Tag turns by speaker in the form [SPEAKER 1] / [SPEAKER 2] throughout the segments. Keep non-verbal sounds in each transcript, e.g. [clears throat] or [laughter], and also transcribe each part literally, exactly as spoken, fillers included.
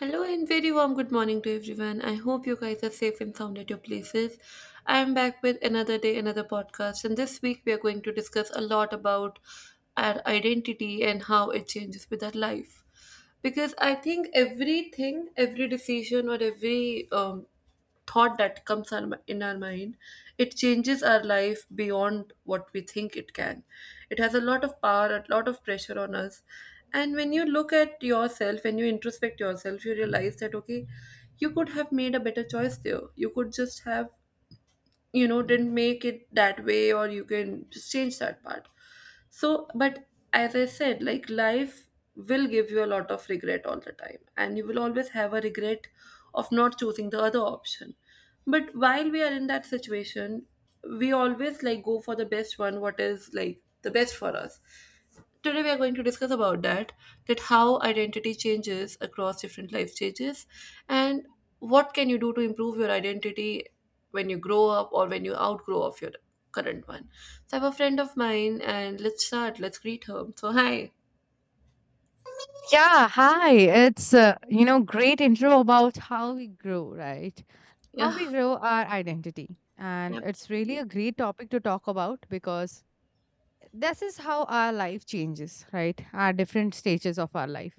[SPEAKER 1] Hello and very warm good morning to everyone. I hope you guys are safe and sound at your places. I am back with another day, another podcast, and this week we are going to discuss a lot about our identity and how it changes with our life. Because I think everything, every decision, or every um, thought that comes on my- in our mind, it changes our life beyond what we think it can. It has a lot of power, a lot of pressure on us. And when you look at yourself, when you introspect yourself, you realize that, okay, you could have made a better choice there. You could just have you know didn't make it that way, or you can just change that part, so but as I said, like, life will give you a lot of regret all the time, and you will always have a regret of not choosing the other option. But while we are in that situation, we always like go for the best one, what is like the best for us. Today we are going to discuss about that, that how identity changes across different life stages, and what can you do to improve your identity when you grow up or when you outgrow of your current one. So I have a friend of mine, and let's start, let's greet her, so hi.
[SPEAKER 2] Yeah, hi. It's uh, you know great intro about how we grow, right? How
[SPEAKER 1] Yeah,
[SPEAKER 2] we grow our identity. And it's really
[SPEAKER 1] absolutely,
[SPEAKER 2] a great topic to talk about because this is how our life changes, right? Our different stages of our life.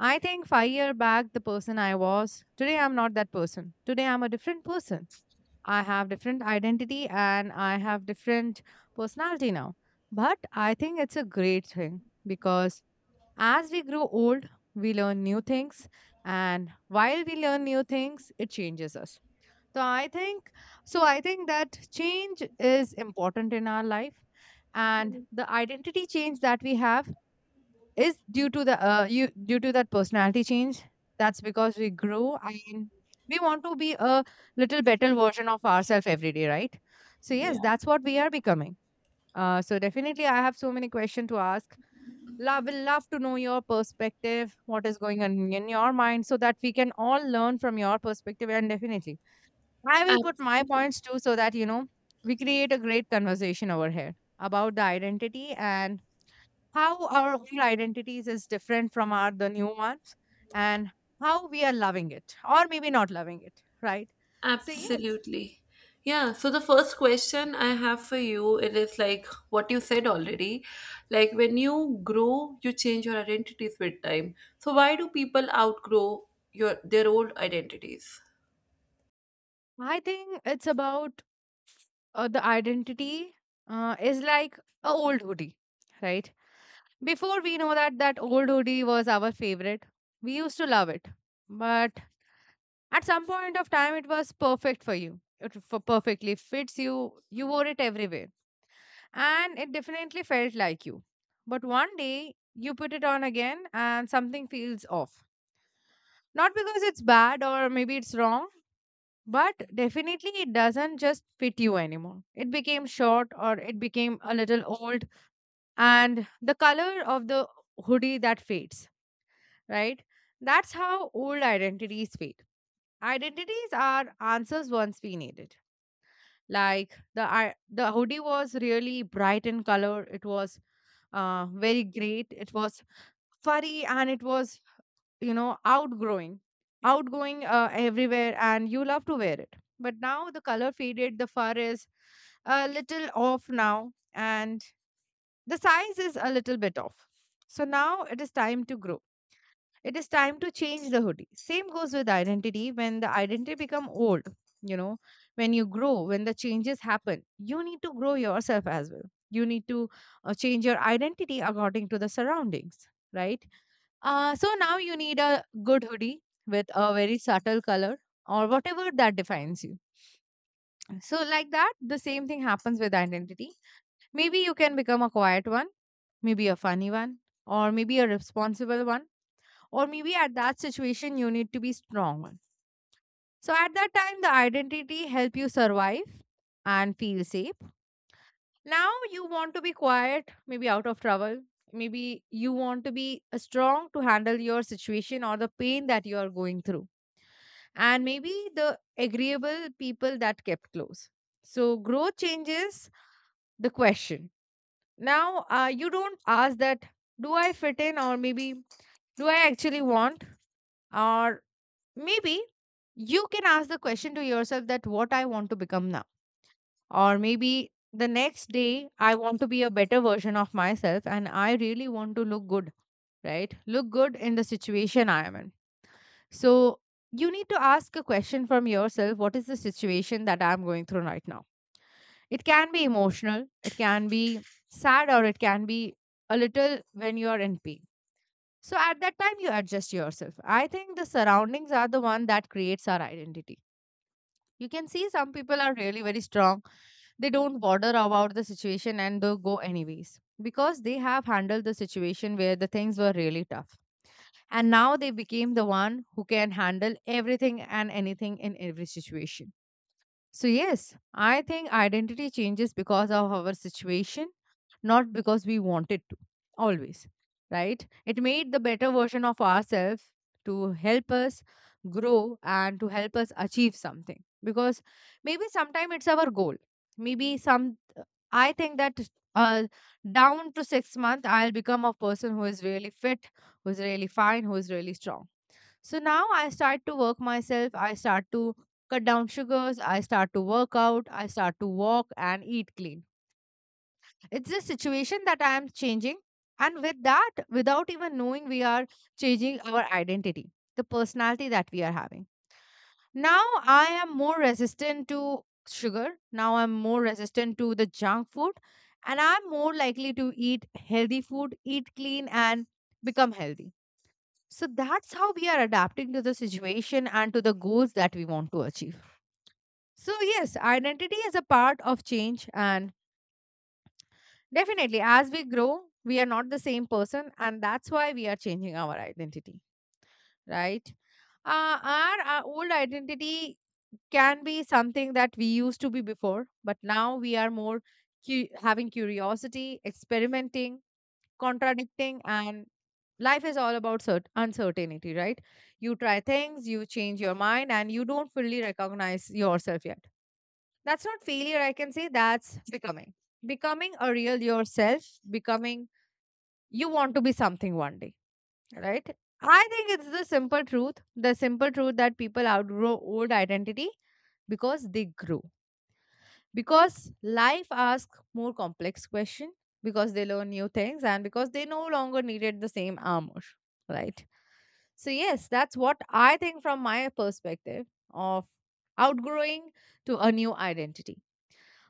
[SPEAKER 2] I think five year back the person I was, today I'm not that person. Today I'm a different person. I have different identity and I have different personality now. But I think it's a great thing because as we grow old, we learn new things, and while we learn new things, it changes us. So I think so I think that change is important in our life and the identity change that we have is due to the uh, you due to that personality change. That's because we grow and we want to be a little better version of ourselves every day, right? So yes, that's what we are becoming. Uh, so definitely, I have so many questions to ask. Love will love to know your perspective, what is going on in your mind, so that we can all learn from your perspective. And definitely, I will put my
[SPEAKER 1] absolutely.
[SPEAKER 2] points too, so that you know we create a great conversation over here about the identity, and how our own identities is different from our the new ones, and how we are loving it or maybe not loving it, right? So yes,
[SPEAKER 1] Absolutely. Yeah, so the first question I have for you, it is like what you said already. Like when you grow, you change your identities with time. So why do people outgrow your their old identities?
[SPEAKER 2] I think it's about uh, the identity uh, is like a old hoodie, right? Before we know that, that old hoodie was our favorite. We used to love it, but at some point of time it was perfect for you. it f- perfectly fits you, you wore it everywhere, and it definitely felt like you. But one day you put it on again and something feels off, not because it's bad or maybe it's wrong, but definitely it doesn't just fit you anymore. It became short, or it became a little old, and the color of the hoodie that fades, right? That's how old identities fade. Identities are answers once we needed. Like the i- the hoodie was really bright in color. It was uh, very great. It was furry and it was, you know, outgrowing, outgoing uh, everywhere, and you love to wear it. But now the color faded. The fur is a little off now, and the size is a little bit off. So now it is time to grow. It is time to change the hoodie. Same goes with identity. When the identity become old, you know, when you grow, when the changes happen, you need to grow yourself as well. You need to uh, change your identity according to the surroundings, right? Uh, so now you need a good hoodie with a very subtle color, or whatever that defines you. So like that, the same thing happens with identity. Maybe you can become a quiet one, maybe a funny one, or maybe a responsible one, or maybe at that situation you need to be strong one. So at that time, the identity help you survive and feel safe. Now you want to be quiet, maybe out of trouble, maybe you want to be uh, strong to handle your situation or the pain that you are going through, and maybe the agreeable people that kept close. So growth changes the question. Now uh, you don't ask that, do I fit in, or maybe do I actually want? Or maybe you can ask the question to yourself, that what I want to become now. Or maybe the next day I want to be a better version of myself and I really want to look good, right? Look good in the situation I am in. So you need to ask a question from yourself, what is the situation that I'm going through right now? It can be emotional, it can be sad, or it can be a little when you are in pain. So at that time, you adjust yourself. I think the surroundings are the one that creates our identity. You can see some people are really very strong. They don't bother about the situation and they go anyways because they have handled the situation where the things were really tough. And now they became the one who can handle everything and anything in every situation. So, yes, I think identity changes because of our situation, not because we wanted to, always, right? It made the better version of ourselves to help us grow and to help us achieve something. Because maybe sometime it's our goal. Maybe some, I think that uh, down to six months, I'll become a person who is really fit, who is really fine, who is really strong. So now I start to work myself. I start to cut down sugars. I start to work out. I start to walk and eat clean. It's the situation that I am changing. And with that, without even knowing, we are changing our identity, the personality that we are having. Now I am more resistant to sugar. Now I'm more resistant to the junk food. And I'm more likely to eat healthy food, eat clean, and become healthy. So that's how we are adapting to the situation and to the goals that we want to achieve. So, yes, identity is a part of change, and definitely, as we grow, we are not the same person, and that's why we are changing our identity, right? Uh, our, our old identity can be something that we used to be before, but now we are more cu- having curiosity, experimenting, contradicting, and life is all about cert- uncertainty, right? You try things, you change your mind, and you don't fully recognize yourself yet. That's not failure, I can say, that's becoming. Becoming a real yourself, becoming, you want to be something one day, right? I think it's the simple truth, the simple truth that people outgrow old identity because they grew. Because life asks more complex questions, because they learn new things, and because they no longer needed the same armor, right? So yes, that's what I think from my perspective of outgrowing to a new identity.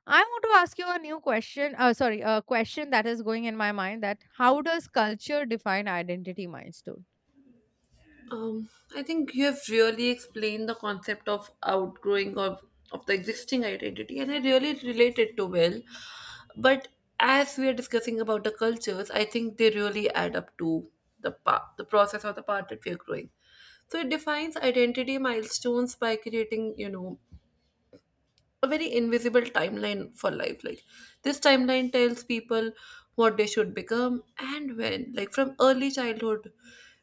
[SPEAKER 2] I want to ask you a new question. Uh, sorry, a question that is going in my mind, that how does culture define identity milestone?
[SPEAKER 1] Um, I think you have really explained the concept of outgrowing of, of the existing identity, and I really related to well. But as we are discussing about the cultures, I think they really add up to the part, the process or the part that we are growing. So it defines identity milestones by creating, you know, a very invisible timeline for life, like this timeline tells people what they should become and when, like from early childhood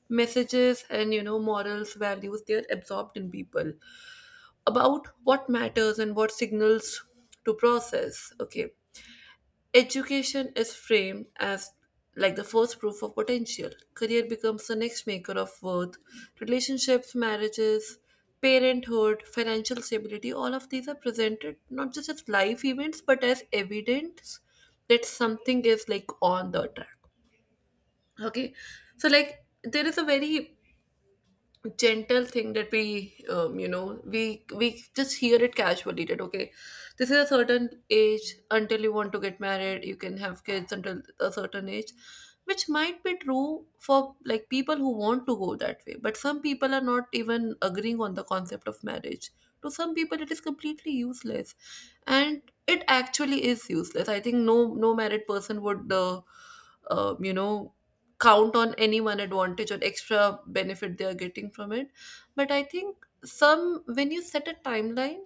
[SPEAKER 1] messages and, you know, morals, values, they are absorbed in people about what matters and what signals to process. Okay, education is framed as like the first proof of potential. Career becomes the next maker of worth. Relationships, marriages, parenthood, financial stability, all of these are presented not just as life events but as evidence that something is like on the track. Okay. So like there is a very gentle thing that we, um, you know, we we just hear it casually that okay, this is a certain age until you want to get married, you can have kids until a certain age, which might be true for like people who want to go that way, but some people are not even agreeing on the concept of marriage. To some people it is completely useless, and it actually is useless. I think no no married person would uh, um, you know, count on any one advantage or extra benefit they are getting from it. But I think some, when you set a timeline,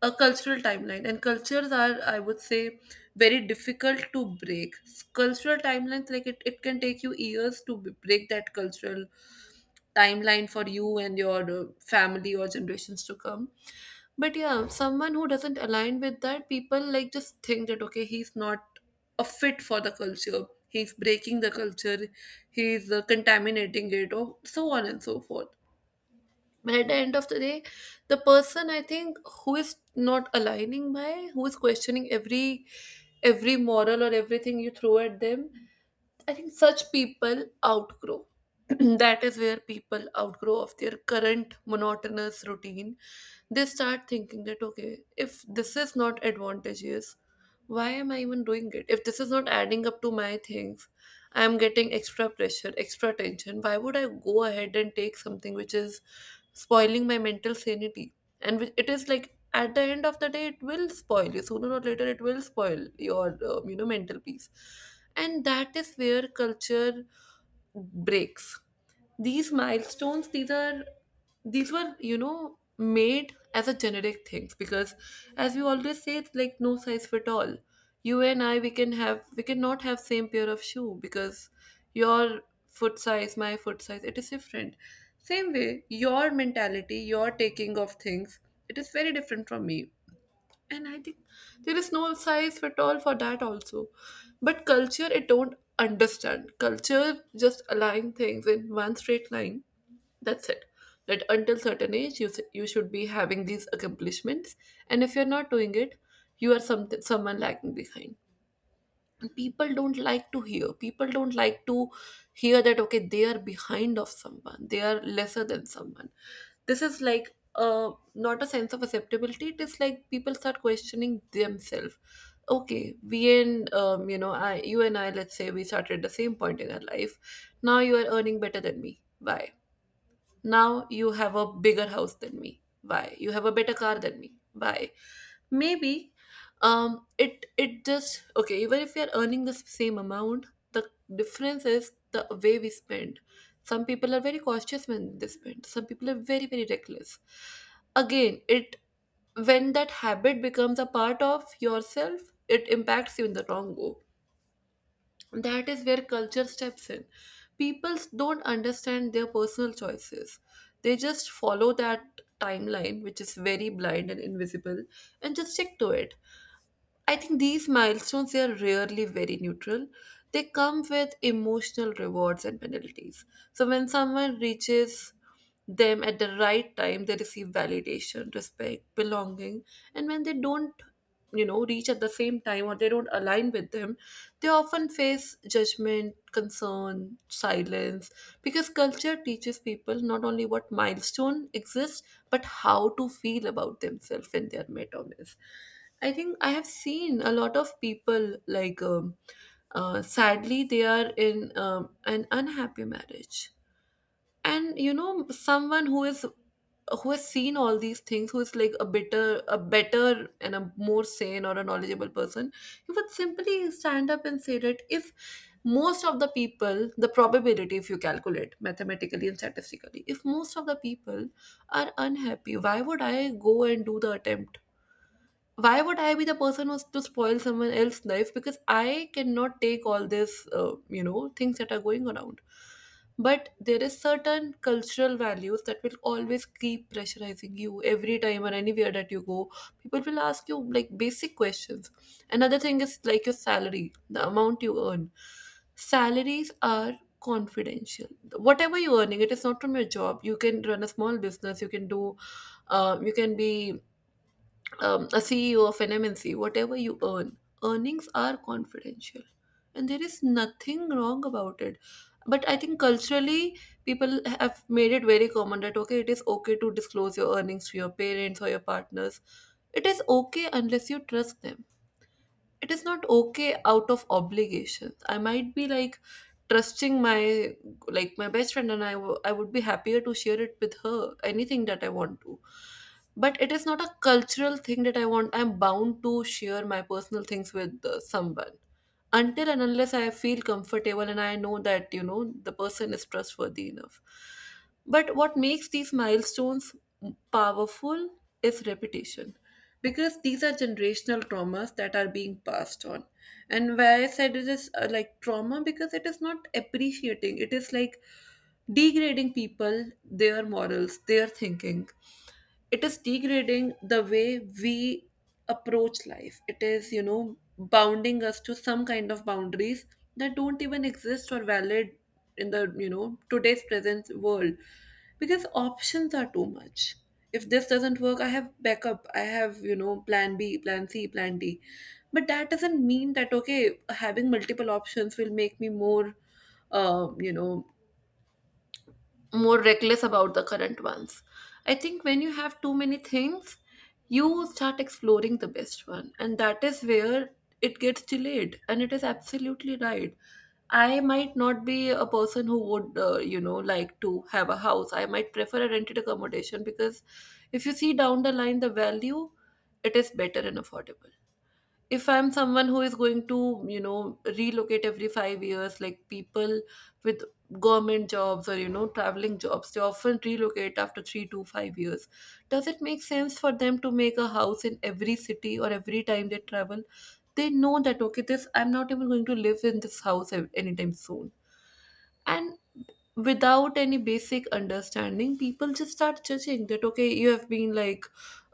[SPEAKER 1] a cultural timeline, and cultures are, I would say, very difficult to break. Cultural timelines, like it, it can take you years to b- break that cultural timeline for you and your uh, family or generations to come. But yeah, someone who doesn't align with that, people like just think that okay, he's not a fit for the culture. He's breaking the culture. He's uh, contaminating it, or so on and so forth. But at the end of the day, the person I think who is not aligning by, who is questioning every every moral or everything you throw at them, I think such people outgrow. [clears throat] That is where people outgrow of their current monotonous routine. They start thinking that, okay, if this is not advantageous, why am I even doing it? If this is not adding up to my things, I am getting extra pressure, extra tension. Why would I go ahead and take something which is spoiling my mental sanity? And which- it is like at the end of the day it will spoil you, sooner or later it will spoil your um, you know, mental peace. And that is where culture breaks these milestones. These are, these were, you know, made as a generic things, because as we always say, it's like no size fit all. You and I, we can have, we cannot have same pair of shoe, because your foot size, my foot size, it is different. Same way, your mentality, your taking of things, it is very different from me. And I think there is no size fit all for that also. But culture, it don't understand, culture just align things in one straight line. That's it. That until certain age you s- you should be having these accomplishments, and if you're not doing it, you are some someone lagging behind. People don't like to hear, people don't like to hear that okay, they are behind of someone, they are lesser than someone. This is like, uh, not a sense of acceptability. It is like people start questioning themselves, okay, we, and, um, you know, I you and I, let's say we started the same point in our life, now you are earning better than me, why? Now you have a bigger house than me, why? You have a better car than me, why? Maybe, um, it it just, okay, even if we are earning the same amount, the difference is the way we spend. Some people are very cautious when they spend, some people are very, very reckless. Again, it, when that habit becomes a part of yourself, it impacts you in the wrong way. That is where culture steps in. People don't understand their personal choices, they just follow that timeline which is very blind and invisible, and just stick to it. I think these milestones, they are rarely very neutral. They come with emotional rewards and penalties. So when someone reaches them at the right time, they receive validation, respect, belonging, and when they don't, you know, reach at the same time or they don't align with them, they often face judgment, concern, silence, because culture teaches people not only what milestone exists but how to feel about themselves and their mentalness. I think I have seen a lot of people like, um, uh, sadly they are in, um, an unhappy marriage, and you know, someone who is, who has seen all these things, who is like a better, a better and a more sane or a knowledgeable person, he would simply stand up and say that if most of the people, the probability, if you calculate mathematically and statistically, if most of the people are unhappy, why would I go and do the attempt? Why would I be the person who's to spoil someone else's life, because I cannot take all this uh, you know, things that are going around. But there is certain cultural values that will always keep pressurizing you every time or anywhere that you go. People will ask you like basic questions. Another thing is like your salary, the amount you earn. Salaries are confidential. Whatever you're earning, it is not from your job, you can run a small business, you can do, um, you can be, um, a C E O of an M N C, whatever you earn, earnings are confidential. And there is nothing wrong about it. But I think culturally, people have made it very common that, okay, it is okay to disclose your earnings to your parents or your partners. It is okay unless you trust them, it is not okay out of obligation. I might be like trusting my, like my best friend, and I wo- I would be happier to share it with her, anything that I want to. But it is not a cultural thing that I want, I'm bound to share my personal things with uh, someone, until and unless I feel comfortable and I know that, you know, the person is trustworthy enough. But what makes these milestones powerful is repetition, because these are generational traumas that are being passed on. And why I said it is uh, like trauma, because it is not appreciating, it is like degrading people, their morals, their thinking. It is degrading the way we approach life. It is, you know, bounding us to some kind of boundaries that don't even exist or valid in the, you know, today's present world, because options are too much. If this doesn't work, I have backup. I have, you know, plan B, plan C, plan D. But that doesn't mean that, okay, having multiple options will make me more, um, you know, more reckless about the current ones. I think when you have too many things, you start exploring the best one, and that is where it gets delayed. And it is absolutely right. I might not be a person who would, uh, you know, like to have a house. I might prefer a rented accommodation, because if you see down the line the value, it is better and affordable if I'm someone who is going to you know relocate every five years, like people with government jobs or you know traveling jobs. They often relocate after three to five years. Does it make sense for them to make a house in every city, or every time they travel they know that, okay, this I'm not even going to live in this house ev- anytime soon. And without any basic understanding, people just start judging that, okay, you have been, like,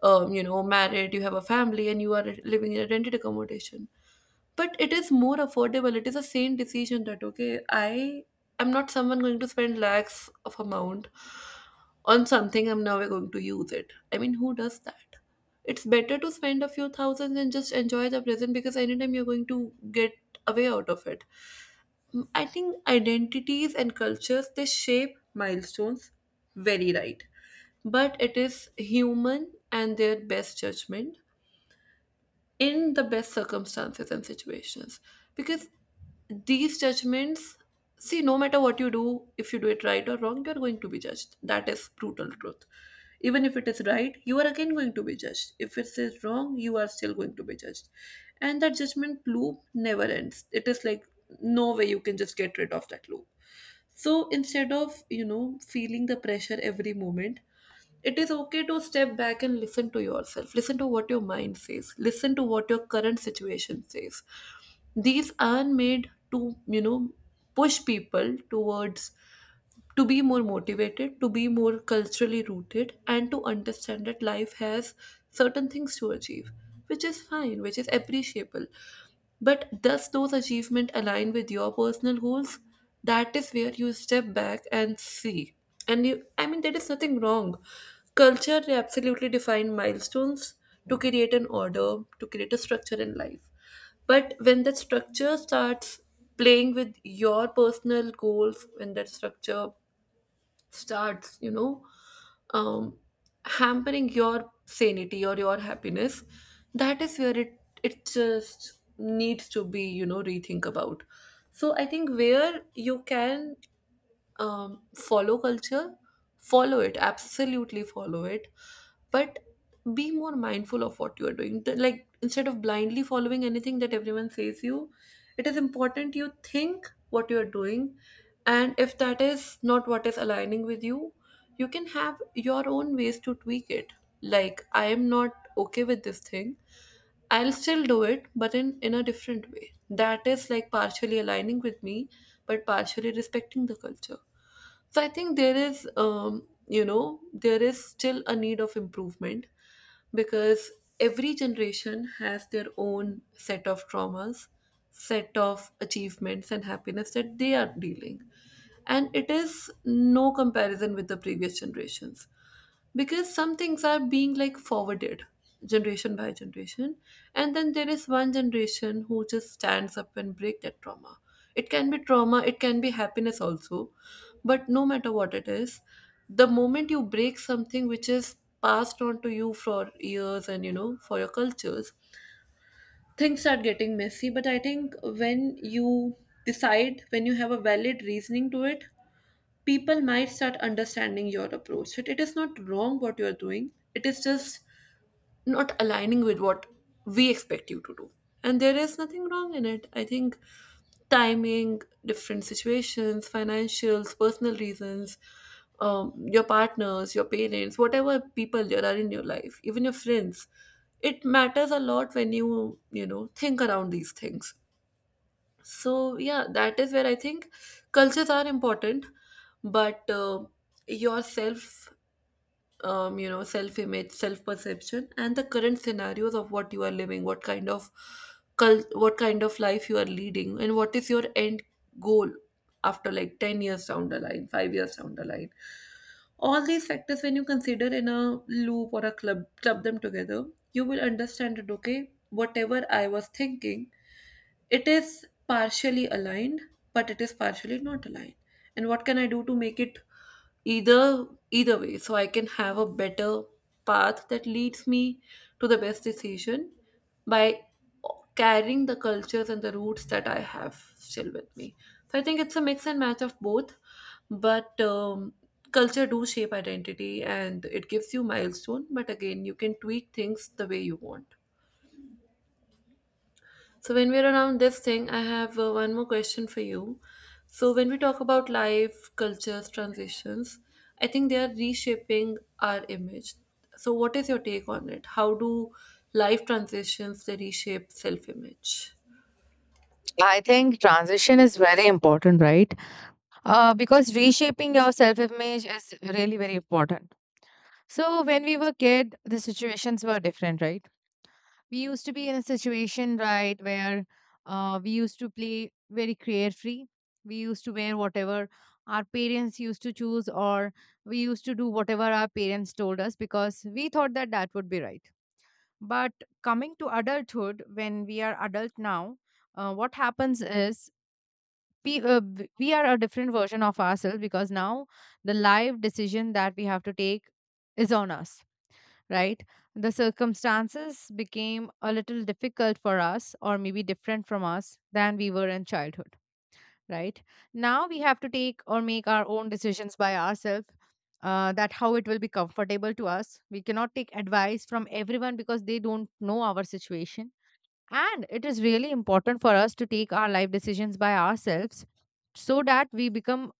[SPEAKER 1] um, you know married, you have a family and you are living in a rented accommodation. But it is more affordable. It is a sane decision that, okay, I am not someone going to spend lakhs of amount on something I'm now going to use. It I mean, who does that? It's better to spend a few thousands and just enjoy the present, because anytime you're going to get away out of it. I think identities and cultures, they shape milestones. Very right. But it is human and their best judgment in the best circumstances and situations, because these judgments, see, no matter what you do, if you do it right or wrong, you are going to be judged. That is brutal truth. Even if it is right, you are again going to be judged. If it is wrong, you are still going to be judged. And that judgment loop never ends. It is like, no way you can just get rid of that loop. So instead of you know feeling the pressure every moment, it is okay to step back and listen to yourself, listen to what your mind says, listen to what your current situation says. These are made to you know push people towards, to be more motivated, to be more culturally rooted, and to understand that life has certain things to achieve, which is fine, which is appreciable. But does those achievement align with your personal goals? That is where you step back and see. And you, I mean, there is nothing wrong. Culture, they absolutely define milestones to create an order, to create a structure in life. But when that structure starts playing with your personal goals, when that structure starts you know um, hampering your sanity or your happiness, that is where it it just needs to be, you know rethink about. So I think where you can um, follow culture, follow it, absolutely follow it, but be more mindful of what you are doing. The- Like, instead of blindly following anything that everyone says you, it is important you think what you are doing, and if that is not what is aligning with you, you can have your own ways to tweak it. Like, I am not okay with this thing. I'll still do it, but in, in a different way. That is like partially aligning with me, but partially respecting the culture. So I think there is, um, you know, there is still a need of improvement, because every generation has their own set of traumas, set of achievements and happiness that they are dealing. And it is no comparison with the previous generations, because some things are being like forwarded generation by generation, and then there is one generation who just stands up and break that trauma. It can be trauma, it can be happiness also, but no matter what it is, the moment you break something which is passed on to you for years, and you know for your cultures, things start getting messy. But I think, when you decide, when you have a valid reasoning to it, people might start understanding your approach. It, it is not wrong what you are doing, it is just not aligning with what we expect you to do. And there is nothing wrong in it. I think timing, different situations, financials, personal reasons, um, your partners, your parents, whatever people there are in your life, even your friends, it matters a lot when you, you know, think around these things. So, yeah, that is where I think cultures are important, but uh, your self, um, you know, self-image, self-perception, and the current scenarios of what you are living, what kind of cult, what kind of life you are leading, and what is your end goal after like ten years down the line, five years down the line. All these factors, when you consider in a loop or a club, club them together, you will understand that, okay, whatever I was thinking, it is partially aligned, but it is partially not aligned. And what can I do to make it either either way, so I can have a better path that leads me to the best decision, by carrying the cultures and the roots that I have still with me. So I think it's a mix and match of both, but um, culture do shape identity and it gives you milestone. But again, you can tweak things the way you want. So, when we're around this thing, I have uh, one more question for you. So, when we talk about life, cultures, transitions, I think they are reshaping our image. So, what is your take on it? How do life transitions, they reshape self image?
[SPEAKER 2] I think transition is very important, right? Uh, because reshaping your self-image is really very important. So when we were kid, the situations were different, right? We used to be in a situation, right, where uh, we used to play very carefree. We used to wear whatever our parents used to choose, or we used to do whatever our parents told us because we thought that that would be right. But coming to adulthood, when we are adult now, uh, what happens is we, uh, w- we are a different version of ourselves, because now the live decision that we have to take is on us, right? The circumstances became a little difficult for us, or maybe different from us, than we were in childhood, right? Now we have to take or make our own decisions by ourselves. Uh, that how it will be comfortable to us. We cannot take advice from everyone because they don't know our situation, and it is really important for us to take our life decisions by ourselves, so that we become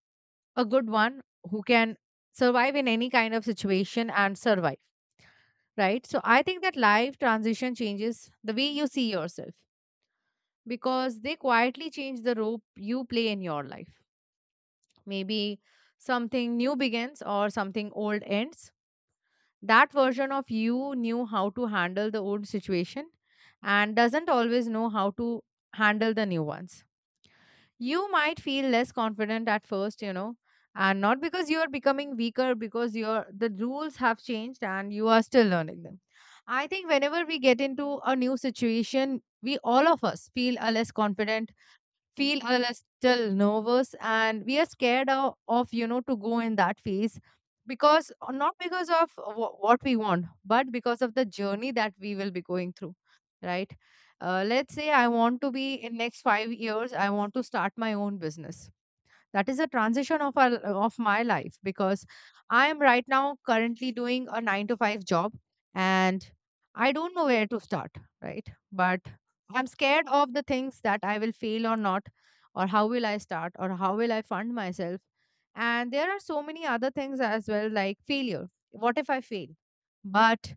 [SPEAKER 2] a good one who can survive in any kind of situation and survive, right? So I think that life transition changes the way you see yourself, because they quietly change the role you play in your life. Maybe something new begins or something old ends. That version of you knew how to handle the old situation, and doesn't always know how to handle the new ones. You might feel less confident at first, you know, and not because you are becoming weaker, because your the rules have changed and you are still learning them. I think whenever we get into a new situation, we all of us feel a less confident, feel a little nervous, and we are scared of, of you know, to go in that phase, because uh, not because of wh- what we want, but because of the journey that we will be going through, right? Uh, let's say I want to be, in next five years I want to start my own business. That is a transition of our of my life, because I am right now currently doing a nine to five job, and I don't know where to start, right? But I'm scared of the things, that I will fail or not, or how will I start, or how will I fund myself, and there are so many other things as well, like failure. What if I fail? But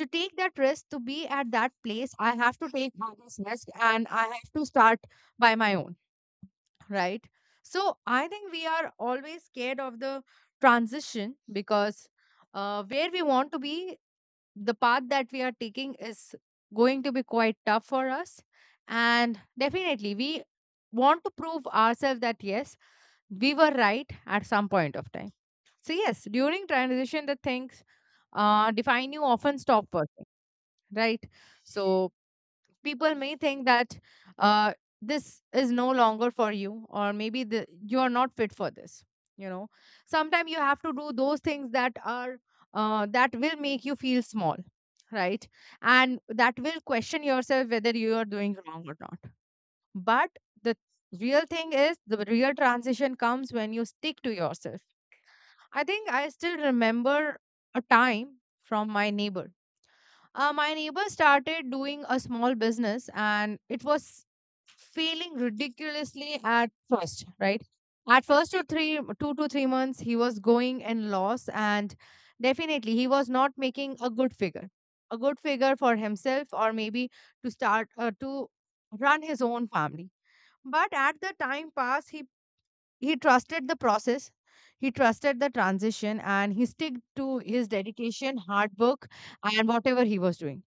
[SPEAKER 2] to take that risk, to be at that place, I have to take all this risk and I have to start by my own, right? So I think we are always scared of the transition because uh, where we want to be, the path that we are taking is going to be quite tough for us. And definitely, we want to prove ourselves that yes, we were right at some point of time. So, yes, during transition, the things uh, define you often stop working, right? So, people may think that uh, this is no longer for you, or maybe the, you are not fit for this, you know. Sometimes you have to do those things that are uh, that will make you feel small, right, and that will question yourself whether you are doing wrong or not. But the real thing is, the real transition comes when you stick to yourself. I think I still remember a time from my neighbor. Uh, my neighbor started doing a small business and it was failing ridiculously at first, right? At first, two, three, two to three months, he was going in loss, and definitely he was not making a good figure, a good figure for himself, or maybe to start uh, to run his own family. But at the time pass, he he trusted the process, he trusted the transition, and he stick to his dedication, hard work, and whatever he was doing.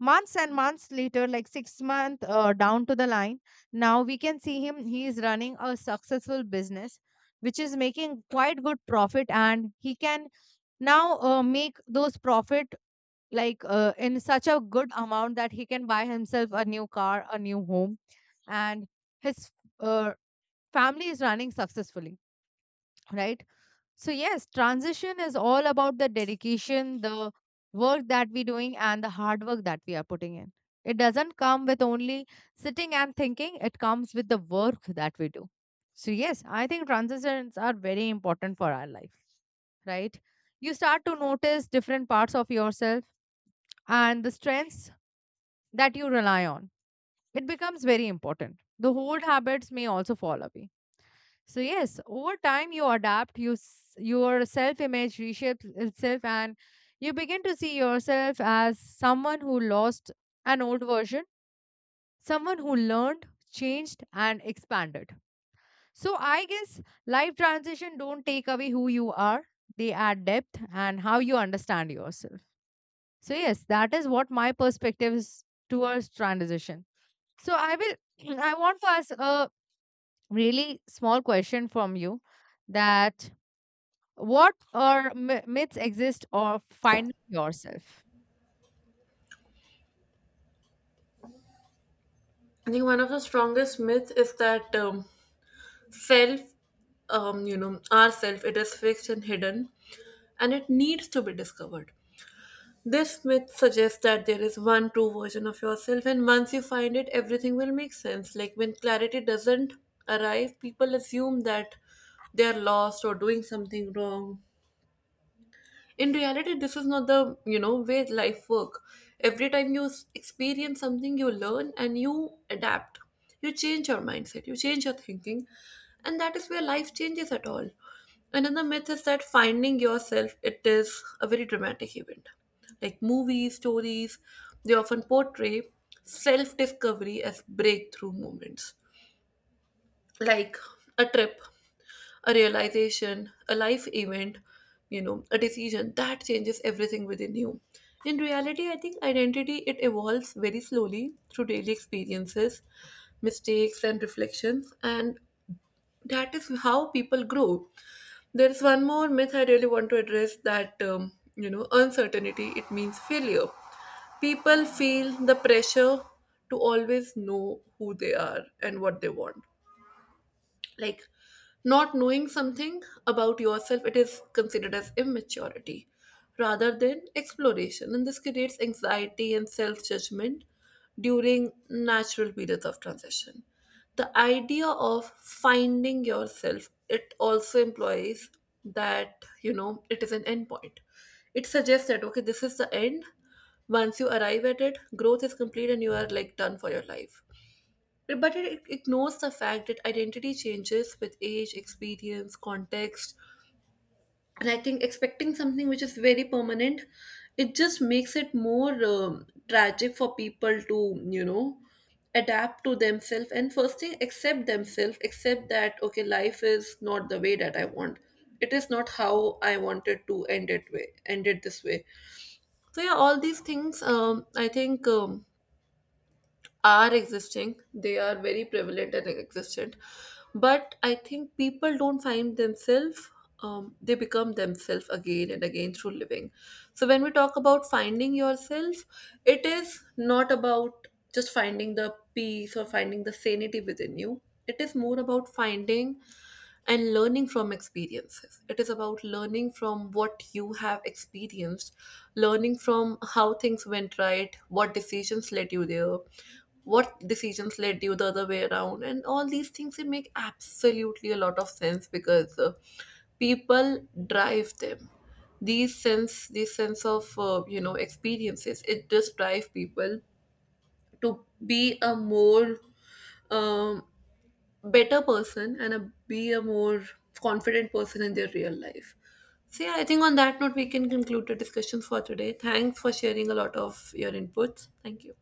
[SPEAKER 2] Months and months later, like six months uh, down to the line, now we can see him, he is running a successful business which is making quite good profit, and he can now uh, make those profit like uh, in such a good amount that he can buy himself a new car, a new home, and his uh, family is running successfully, right? So yes, transition is all about the dedication, the work that we're doing, and the hard work that we are putting in. It doesn't come with only sitting and thinking, it comes with the work that we do. So yes, I think transitions are very important for our life, right? You start to notice different parts of yourself and the strengths that you rely on. It becomes very important. The old habits may also fall away. So yes, over time you adapt, you s- your self-image reshapes itself, and you begin to see yourself as someone who lost an old version, someone who learned, changed, and expanded. So I guess life transition don't take away who you are; they add depth and how you understand yourself. So yes, that is what my perspective is towards transition. So I will, [clears throat] I want to ask a really small question from you, that what are my- myths exist of finding yourself?
[SPEAKER 1] I think one of the strongest myths is that um, self, um, you know, our self, it is fixed and hidden and it needs to be discovered. This myth suggests that there is one true version of yourself, and once you find it, everything will make sense. Like, when clarity doesn't arrive, people assume that they are lost or doing something wrong. In reality, this is not the you know way life work. Every time you s- experience something, you learn and you adapt. You change your mindset, you change your thinking, and that is where life changes at all. Another myth is that finding yourself, it is a very dramatic event, like movies, stories, they often portray self discovery as breakthrough moments, like a trip, a realization, a life event, you know, a decision that changes everything within you. In reality, I think identity, it evolves very slowly through daily experiences, mistakes and reflections, and that is how people grow. There is one more myth I really want to address, that um, you know, uncertainty it means failure. People feel the pressure to always know who they are and what they want. Like, not knowing something about yourself, it is considered as immaturity rather than exploration, and this creates anxiety and self judgment during natural periods of transition. The idea of finding yourself, it also implies that, you know it is an end point. It suggests that, okay, this is the end. Once you arrive at it, growth is complete and you are like done for your life. But it ignores the fact that identity changes with age, experience, context. And I think expecting something which is very permanent, it just makes it more um, tragic for people to, you know, adapt to themselves, and first thing accept themselves. Accept that, okay, life is not the way that I want. It is not how I wanted to end it, way end it this way. So, yeah, all these things, um I think, um are existing, they are very prevalent and existent. But I think people don't find themselves, um, they become themselves again and again through living. So when we talk about finding yourself, it is not about just finding the peace or finding the sanity within you. It is more about finding and learning from experiences. It is about learning from what you have experienced, learning from how things went right, what decisions led you there, what decisions led you the other way around, and all these things they make absolutely a lot of sense, because uh, people drive them. These sense, these sense of uh, you know experiences, it just drive people to be a more um, better person, and a, be a more confident person in their real life. So, yeah, I think on that note, we can conclude the discussions for today. Thanks for sharing a lot of your inputs. Thank you.